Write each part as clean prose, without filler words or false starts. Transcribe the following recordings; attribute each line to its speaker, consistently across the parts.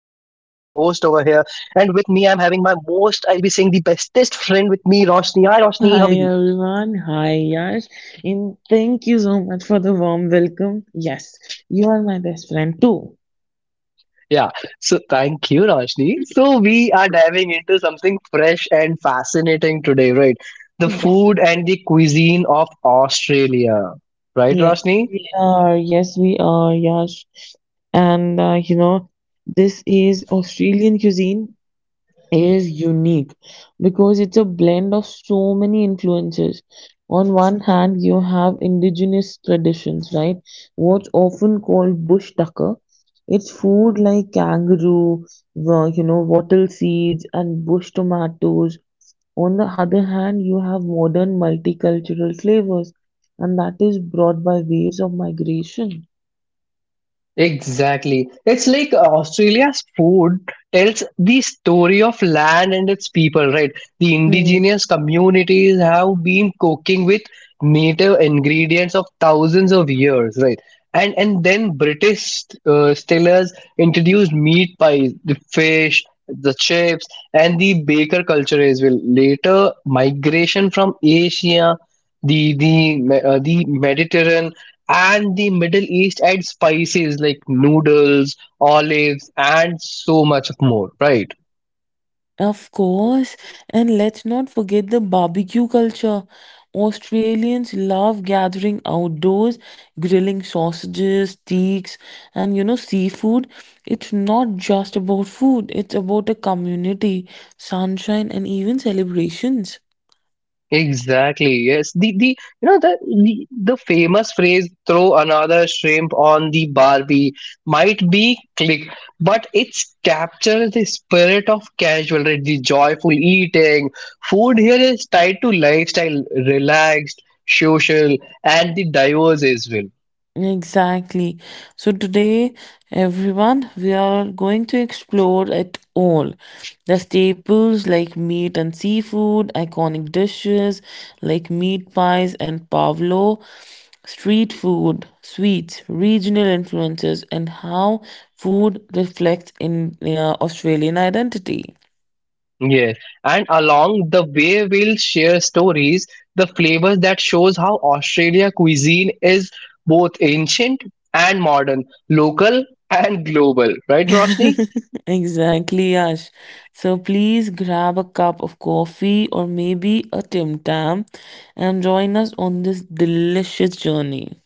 Speaker 1: my most I'll be saying the bestest friend with me, Roshni. Hi Roshni, how are you?
Speaker 2: Hi everyone. Hi Yash. And thank you so much for the warm welcome. Yes, you are my best friend too.
Speaker 1: Yeah, so thank you, Roshni. So we are diving into something fresh and fascinating today, right? The
Speaker 2: Yes.
Speaker 1: food and the cuisine of Australia. Right,
Speaker 2: Yeah.
Speaker 1: Roshni?
Speaker 2: We are. Yes, we are, Yash. And this is Australian cuisine is unique because it's a blend of so many influences. On one hand, you have indigenous traditions, right? What's often called bush tucker. It's food like kangaroo, wattle seeds, and bush tomatoes. On the other hand, you have modern multicultural flavors, and that is brought by waves of migration.
Speaker 1: Exactly. It's like Australia's food tells the story of land and its people, right? The
Speaker 2: Mm,
Speaker 1: indigenous communities have been cooking with native ingredients of thousands of years, right? And then British sailors introduced meat pies, the fish, the chips, and the baker culture as well. Later, migration from Asia, the Mediterranean and the Middle East add spices like noodles, olives, and so much more, right?
Speaker 2: of course, and let's not forget the barbecue culture. Australians love gathering outdoors, grilling sausages, steaks, and seafood. It's not just about food, it's about a community, sunshine, and even celebrations.
Speaker 1: Exactly. Yes. The you know the famous phrase "throw another shrimp on the Barbie" might be click, but it's captures the spirit of casual, right? The joyful eating. Food here is tied to lifestyle, relaxed, social, and the diverse as well.
Speaker 2: Exactly. So today, everyone, we are going to explore it all. The staples like meat and seafood, iconic dishes like meat pies and pavlo, street food, sweets, regional influences, and how food reflects in Australian identity.
Speaker 1: Yes, and along the way we'll share stories, the flavors that shows how Australia cuisine is both ancient and modern, local and global, right, Roshni?
Speaker 2: Exactly, Yash. So please grab a cup of coffee or maybe a Tim Tam and join us on this delicious journey.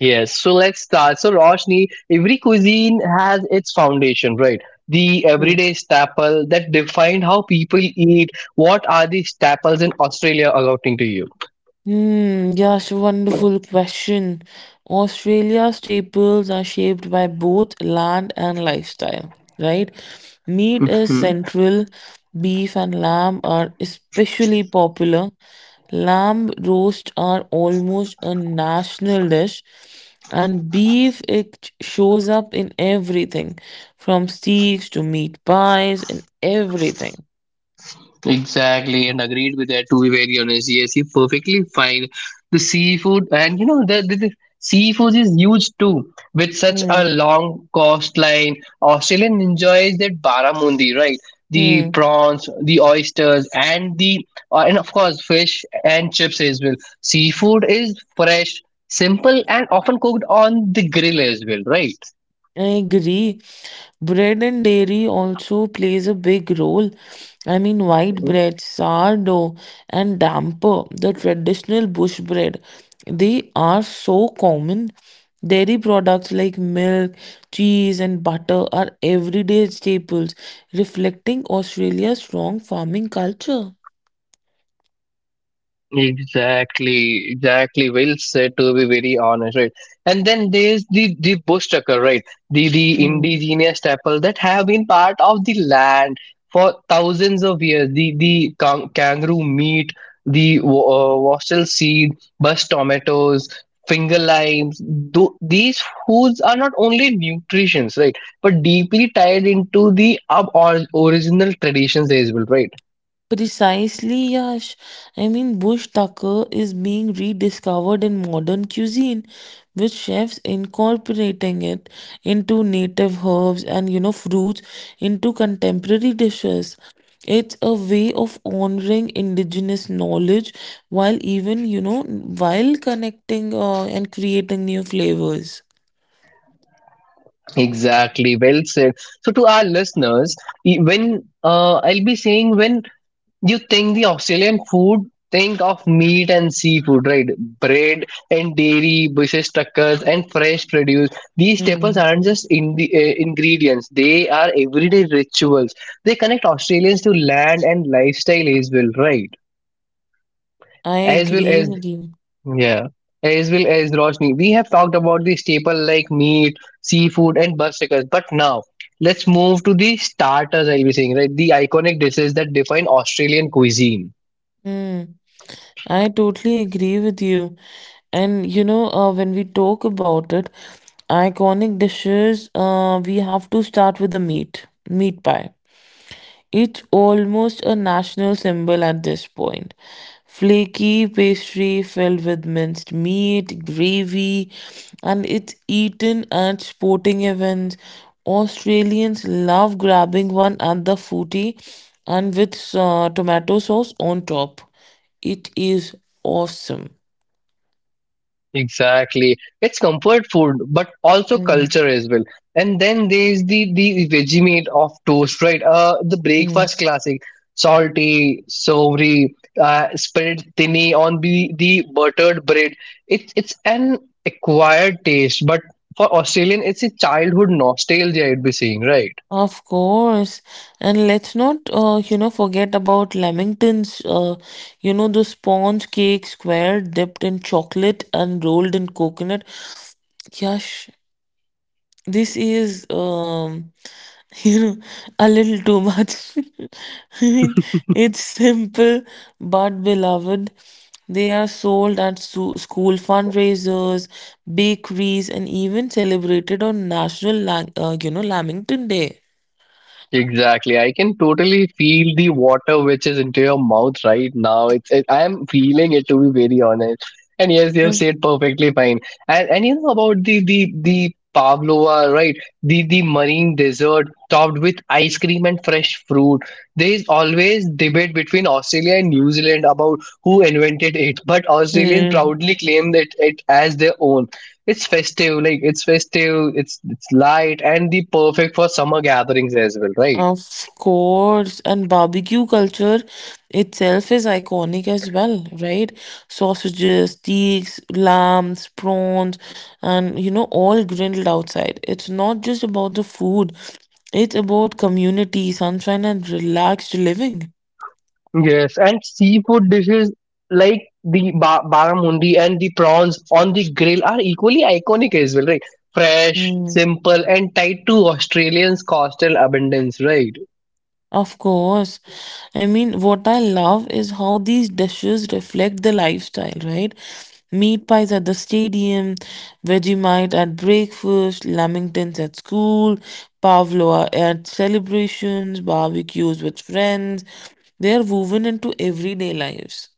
Speaker 1: Yes, so let's start. So, Roshni, every cuisine has its foundation, right? The everyday staple that define how people eat. What are the staples in Australia according to you?
Speaker 2: Yes, wonderful question. Australia's staples are shaped by both land and lifestyle, right? Meat is central, beef and lamb are especially popular. Lamb roasts are almost a national dish, and beef it shows up in everything from steaks to meat pies and everything.
Speaker 1: Exactly, and agreed with that. To be very honest, yes, you perfectly fine. The seafood, and you know, the seafood is huge too. With such a
Speaker 2: Hmm.
Speaker 1: long coastline, Australian enjoys that barramundi, right? The prawns, the oysters, and the and of course fish and chips as well. Seafood is fresh, simple, and often cooked on the grill as well, right?
Speaker 2: I agree. Bread and dairy also plays a big role. I mean, white bread, sourdough, and damper, the traditional bush bread, they are so common. Dairy products like milk, cheese, and butter are everyday staples, reflecting Australia's strong farming culture.
Speaker 1: Exactly, exactly. Well said. To be very honest, right? And then there's the bush tucker, right? The indigenous people that have been part of the land for thousands of years. The kangaroo meat, the wassail seed, bush tomatoes, finger limes. These foods are not only nutritions, right? But deeply tied into the original traditions as well, right?
Speaker 2: Precisely, Yash. I mean, bush tucker is being rediscovered in modern cuisine, with chefs incorporating it into native herbs and fruits into contemporary dishes. It's a way of honoring indigenous knowledge while even while connecting and creating new flavors.
Speaker 1: Exactly, well said. So, to our listeners, e- when I'll be saying when you think the Australian food, think of meat and seafood, right? Bread and dairy, bushes, tuckers, and fresh produce. These staples
Speaker 2: Hmm.
Speaker 1: aren't just in the ingredients; they are everyday rituals. They connect Australians to land and lifestyle as well, right?
Speaker 2: I
Speaker 1: As well
Speaker 2: agree
Speaker 1: as
Speaker 2: with you.
Speaker 1: yeah, as well as Roshni, we have talked about the staple like meat, seafood, and bursakas. But now let's move to the starters. I'll be saying right, the iconic dishes that define Australian cuisine.
Speaker 2: Hmm. I totally agree with you. And when we talk about it, iconic dishes, we have to start with the meat pie. It's almost a national symbol at this point. Flaky pastry filled with minced meat, gravy, and it's eaten at sporting events. Australians love grabbing one at the footy and with tomato sauce on top. It is awesome.
Speaker 1: Exactly. It's comfort food, but also
Speaker 2: Mm,
Speaker 1: culture as well. And then there's the Vegemite of toast, right? The
Speaker 2: mm.
Speaker 1: breakfast classic, salty, savory, spread thinly on the buttered bread. It's an acquired taste, but for Australian, it's a childhood nostalgia. I'd be saying, right?
Speaker 2: Of course. And let's not, forget about Lamingtons, the sponge cake square dipped in chocolate and rolled in coconut. Gosh, this is, you know, a little too much. I mean, it's simple but beloved. They are sold at su- school fundraisers, bakeries, and even celebrated on National, Lamington Day.
Speaker 1: Exactly. I can totally feel the water which is into your mouth right now. I am feeling it to be very honest. And yes, you have said perfectly fine. And you know about the pavlova, right? The marine dessert topped with ice cream and fresh fruit. There is always debate between Australia and New Zealand about who invented it, but Australians
Speaker 2: Hmm.
Speaker 1: proudly claim that it as their own. It's festive, like it's festive, it's light and the perfect for summer gatherings as well, right?
Speaker 2: Of course, and barbecue culture itself is iconic as well, right? Sausages, steaks, lambs, prawns, and all grilled outside. It's not just about the food, it's about community, sunshine, and relaxed living.
Speaker 1: Yes, and seafood dishes like the barramundi and the prawns on the grill are equally iconic as well, right? Fresh, simple, and tied to Australians' coastal abundance, right?
Speaker 2: Of course. I mean, what I love is how these dishes reflect the lifestyle, right? Meat pies at the stadium, Vegemite at breakfast, lamingtons at school, pavlova at celebrations, barbecues with friends. They are woven into everyday lives.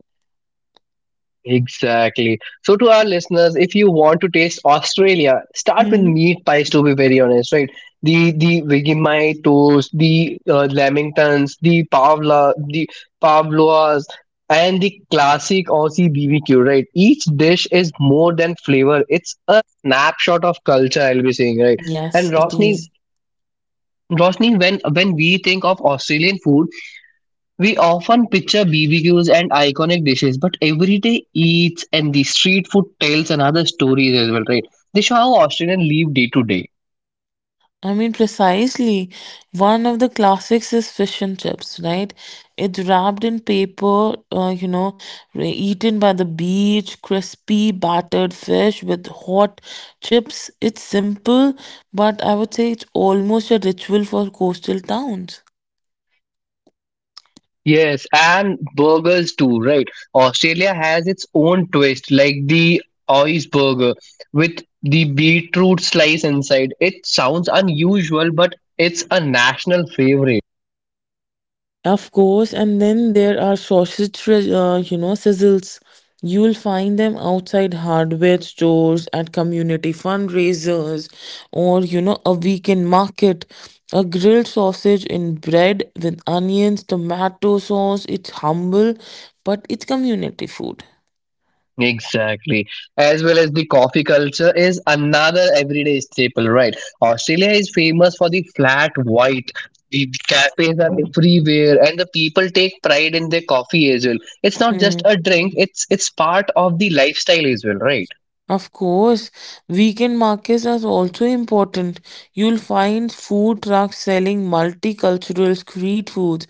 Speaker 1: Exactly. So, to our listeners, if you want to taste Australia, start with
Speaker 2: Hmm.
Speaker 1: meat pies. To be very honest, right? The Vegemite toast, the lamingtons, the pavla, the pavlovas, and the classic Aussie BBQ. Right? Each dish is more than flavor. It's a snapshot of culture. I'll be saying right. And
Speaker 2: Yes, it
Speaker 1: Rosni,
Speaker 2: is.
Speaker 1: Rosni, when we think of Australian food, we often picture BBQs and iconic dishes, but everyday eats and the street food tells another story as well, right? They show how Australians live day to day.
Speaker 2: I mean, precisely. One of the classics is fish and chips, right? It's wrapped in paper, re- eaten by the beach, crispy, battered fish with hot chips. It's simple, but I would say it's almost a ritual for coastal towns.
Speaker 1: Yes, and burgers too, right? Australia has its own twist, like the Ois burger with the beetroot slice inside. It sounds unusual, but it's a national favorite.
Speaker 2: Of course, and then there are sausage, sizzles. You'll find them outside hardware stores, at community fundraisers, or a weekend market. A grilled sausage in bread with onions, tomato sauce. It's humble, but it's community food.
Speaker 1: Exactly. As well as the coffee culture is another everyday staple, right? Australia is famous for the flat white. The cafes are everywhere and the people take pride in their coffee as well. It's not just
Speaker 2: Hmm.
Speaker 1: a drink, it's part of the lifestyle as well, right?
Speaker 2: Of course, weekend markets are also important. You'll find food trucks selling multicultural street foods,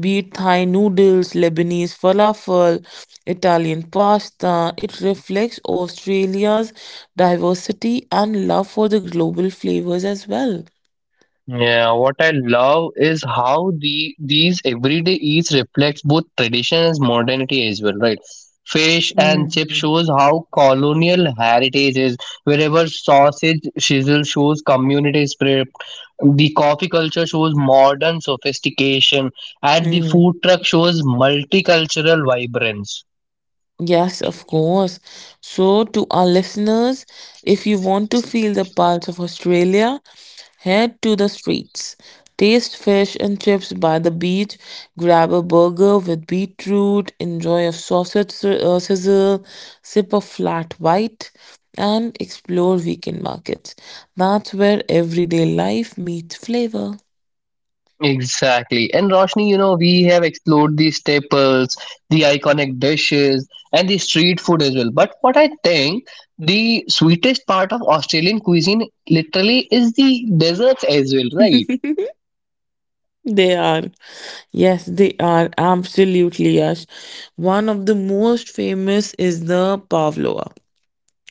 Speaker 2: be it Thai noodles, Lebanese falafel, Italian pasta. It reflects Australia's diversity and love for the global flavors as well.
Speaker 1: Yeah, what I love is how these everyday eats reflects both tradition and modernity as well, right? Fish and chip shows how colonial heritage is. Wherever sausage sizzle shows community spirit. The coffee culture shows modern sophistication, and the
Speaker 2: Mm.
Speaker 1: food truck shows multicultural vibrance.
Speaker 2: Yes, of course. So, to our listeners, if you want to feel the pulse of Australia, head to the streets. Taste fish and chips by the beach, grab a burger with beetroot, enjoy a sausage sizzle, sip a flat white, and explore weekend markets. That's where everyday life meets flavor.
Speaker 1: Exactly. And Roshni, you know, we have explored the staples, the iconic dishes, and the street food as well. But what I think the sweetest part of Australian cuisine literally is the desserts as well, right?
Speaker 2: They are. Yes, they are absolutely yes. One of the most famous is the pavlova,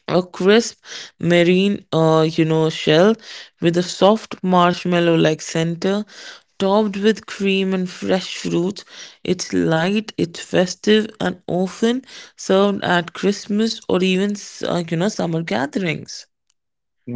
Speaker 2: a crisp marine shell with a soft marshmallow-like center, topped with cream and fresh fruits. It's light, it's festive, and often served at Christmas or even summer gatherings.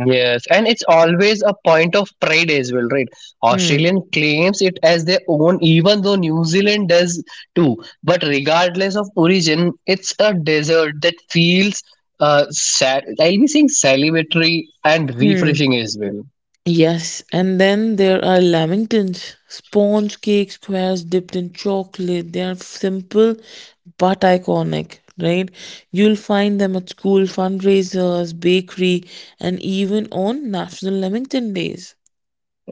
Speaker 1: Yes, and it's always a point of pride as well, right?
Speaker 2: Hmm.
Speaker 1: Australian claims it as their own, even though New Zealand does too. But regardless of origin, it's a desert that feels sad. I'll be saying salivatory and
Speaker 2: Hmm.
Speaker 1: refreshing as well.
Speaker 2: Yes, and then there are lamingtons, sponge cake squares dipped in chocolate. They are simple but iconic, right? You'll find them at school fundraisers, bakery, and even on National Lamington Days.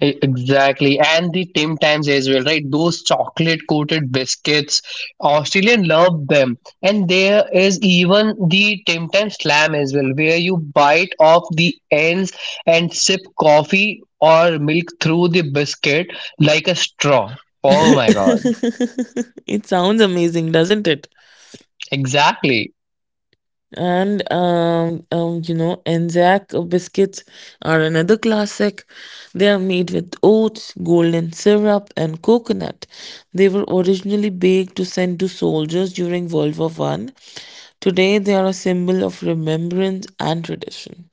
Speaker 1: Exactly, and the Tim Tams as well, right? Those chocolate coated biscuits, Australian love them. And there is even the Tim Tam Slam as well, where you bite off the ends and sip coffee or milk through the biscuit like a straw. Oh my god,
Speaker 2: It sounds amazing, doesn't it?
Speaker 1: exactly.
Speaker 2: Anzac biscuits are another classic. They are made with oats, golden syrup, and coconut. They were originally baked to send to soldiers during World War One. Today, they are a symbol of remembrance and tradition.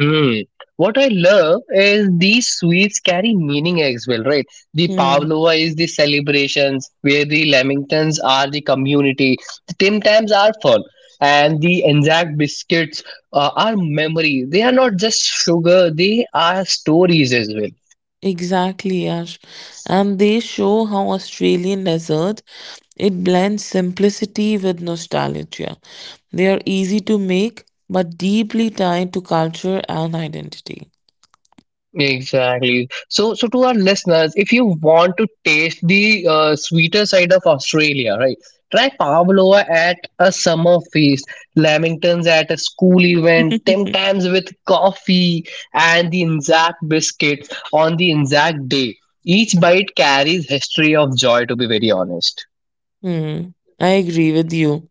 Speaker 1: Hmm. What I love is these sweets carry meaning as well, right? The
Speaker 2: Hmm.
Speaker 1: pavlova is the celebrations, where the lamingtons are the community, the Tim Tams are fun, and the Anzac biscuits are memory. They are not just sugar; they are stories as well.
Speaker 2: Exactly, Yash. And they show how Australian desert it blends simplicity with nostalgia. They are easy to make but deeply tied to culture and identity.
Speaker 1: Exactly. So, so to our listeners, if you want to taste the sweeter side of Australia, right? Try pavlova at a summer feast, lamingtons at a school event, Tim Tams with coffee, and the Anzac biscuits on the Anzac Day. Each bite carries history of joy. To be very honest.
Speaker 2: Hmm. I agree with you.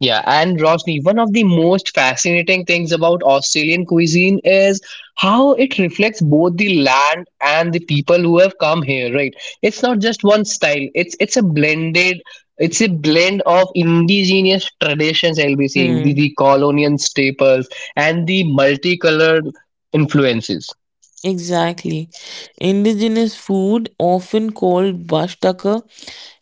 Speaker 1: Yeah, and Rosni, one of the most fascinating things about Australian cuisine is how it reflects both the land and the people who have come here, right? It's not just one style. It's a blended it's a blend of indigenous traditions I'll be saying,
Speaker 2: Hmm.
Speaker 1: the colonial staples and the multicolored influences.
Speaker 2: Exactly. Indigenous food, often called bashtaka,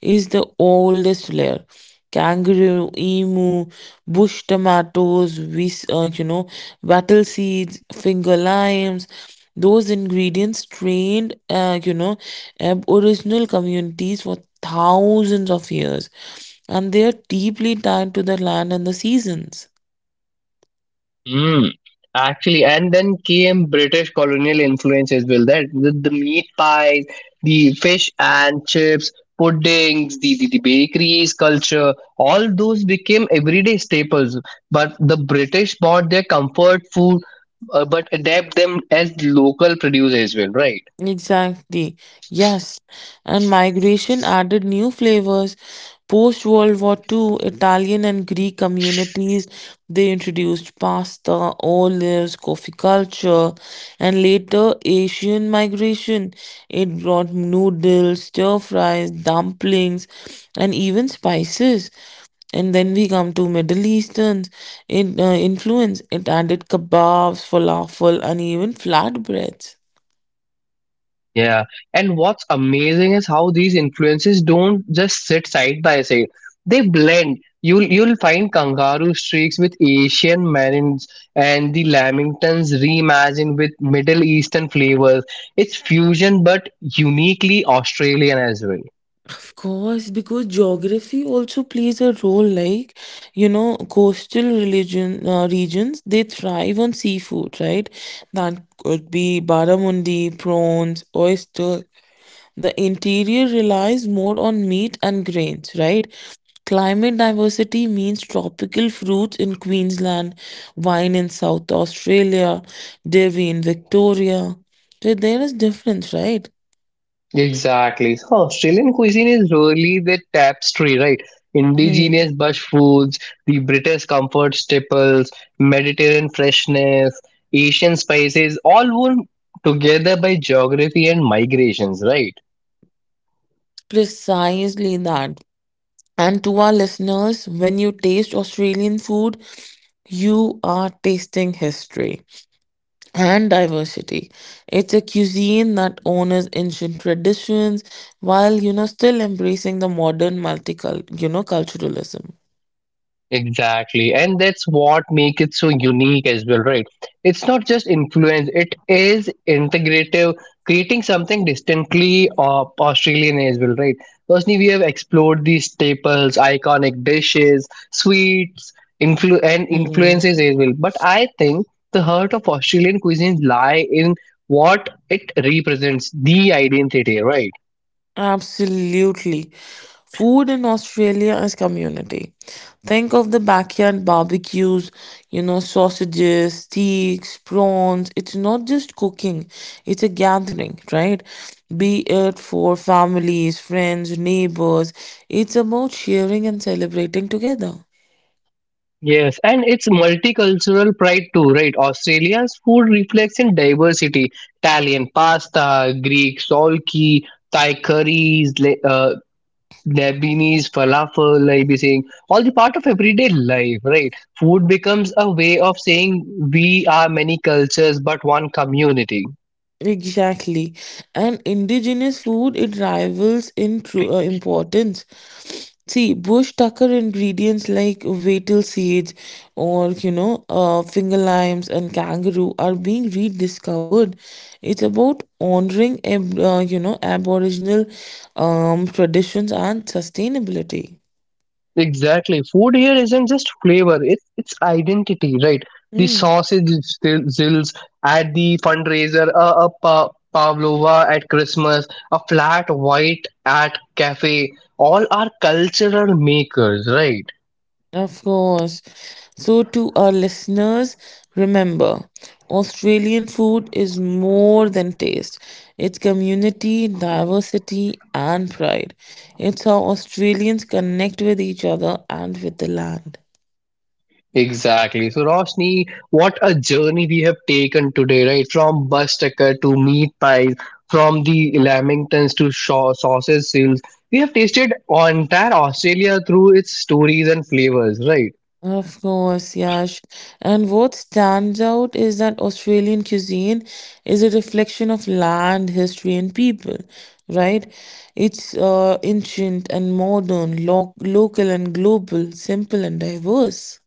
Speaker 2: is the oldest layer. Kangaroo, emu, bush tomatoes, wattle seeds, finger limes. Those ingredients trained, aboriginal communities for thousands of years, and they are deeply tied to the land and the seasons.
Speaker 1: Mm, actually, and then came British colonial influence as well. That with the meat pies, the fish and chips, puddings, the bakeries culture, all those became everyday staples. But the British bought their comfort food, but adapt them as local produce as well, right?
Speaker 2: Exactly. Yes. And migration added new flavors. Post World War Two, Italian and Greek communities they introduced pasta, olives, coffee culture, and later Asian migration. It brought noodles, stir fries, dumplings, and even spices, and then we come to Middle Eastern influence. It added kebabs, falafel, and even flatbreads.
Speaker 1: Yeah, and what's amazing is how these influences don't just sit side by side. They blend. You'll find kangaroo streaks with Asian marines and the Lamingtons reimagined with Middle Eastern flavors. It's fusion but uniquely Australian as well.
Speaker 2: Of course, because geography also plays a role. Coastal religion regions they thrive on seafood, right? That could be barramundi, prawns, oyster. The interior relies more on meat and grains, right? Climate diversity means tropical fruits in Queensland, wine in South Australia, dairy in Victoria. So there is difference, right?
Speaker 1: Exactly. So Australian cuisine is really the tapestry, right?
Speaker 2: Hmm.
Speaker 1: Indigenous bush foods, the British comfort staples, Mediterranean freshness, Asian spices, all woven together by geography and migrations, right?
Speaker 2: Precisely that. And to our listeners, when you taste Australian food, you are tasting history and diversity. It's a cuisine that honors ancient traditions while still embracing the modern multicultural culturalism.
Speaker 1: Exactly. And that's what makes it so unique as well, right? It's not just influence, it is integrative, creating something distinctly Australian as well, right? Personally, we have explored these staples, iconic dishes, sweets, and
Speaker 2: Hmm.
Speaker 1: influences as well. But I think the heart of Australian cuisine lie in what it represents, the identity, right?
Speaker 2: Absolutely. Food in Australia is community. Think of the backyard barbecues, sausages, steaks, prawns. It's not just cooking, it's a gathering, right? Be it for families, friends, neighbors. It's about sharing and celebrating together.
Speaker 1: Yes, and it's multicultural pride too, right? Australia's food reflects in diversity: Italian pasta, Greek solki, Thai curries, Lebanese falafel. I'll be saying all the part of everyday life, right? Food becomes a way of saying we are many cultures but one community.
Speaker 2: Exactly. And indigenous food, it rivals in true importance. See, bush tucker ingredients like betel seeds or, finger limes and kangaroo are being rediscovered. It's about honoring aboriginal traditions and sustainability.
Speaker 1: Exactly. Food here isn't just flavor, it's identity, right? The
Speaker 2: Mm.
Speaker 1: sausage zills at the fundraiser, a pavlova at Christmas, a flat white at cafe, all are cultural makers, right?
Speaker 2: Of course. So, to our listeners, remember Australian food is more than taste. It's community, diversity, and pride. It's how Australians connect with each other and with the land.
Speaker 1: Exactly. So, Roshni, what a journey we have taken today, right? From bus tucker to meat pies, from the lamingtons to sausage seals. We have tasted entire Australia through its stories and flavors, right?
Speaker 2: Of course, Yash. And what stands out is that Australian cuisine is a reflection of land, history, and people, right? It's ancient and modern, lo- local and global, simple and diverse.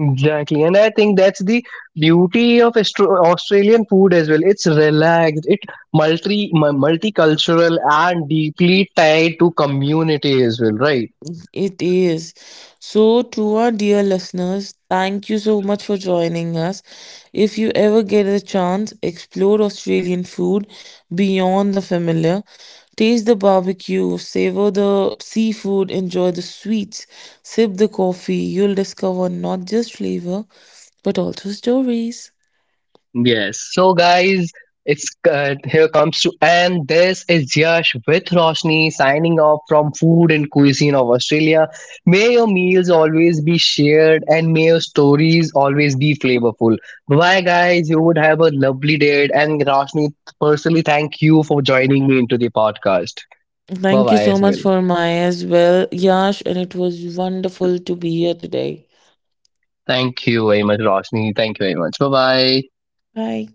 Speaker 1: Exactly, and I think that's the beauty of Australian food as well. It's relaxed, it multicultural, and deeply tied to community as well, right?
Speaker 2: It is. So, to our dear listeners, thank you so much for joining us. If you ever get a chance, explore Australian food beyond the familiar. Taste the barbecue, savor the seafood, enjoy the sweets, sip the coffee. You'll discover not just flavor, but also stories.
Speaker 1: Yes. So, guys, it's here comes to and this is Yash with Roshni signing off from Food and Cuisine of Australia. May your meals always be shared and may your stories always be flavorful. Bye, guys. You would have a lovely day. And Roshni, personally, thank you for joining me into the podcast. Bye,
Speaker 2: Thank you
Speaker 1: bye,
Speaker 2: so
Speaker 1: Ismail.
Speaker 2: much for Maya as well, Yash, and it was wonderful to be here today.
Speaker 1: Thank you very much, Roshni. Thank you very much. Bye, bye.
Speaker 2: Bye.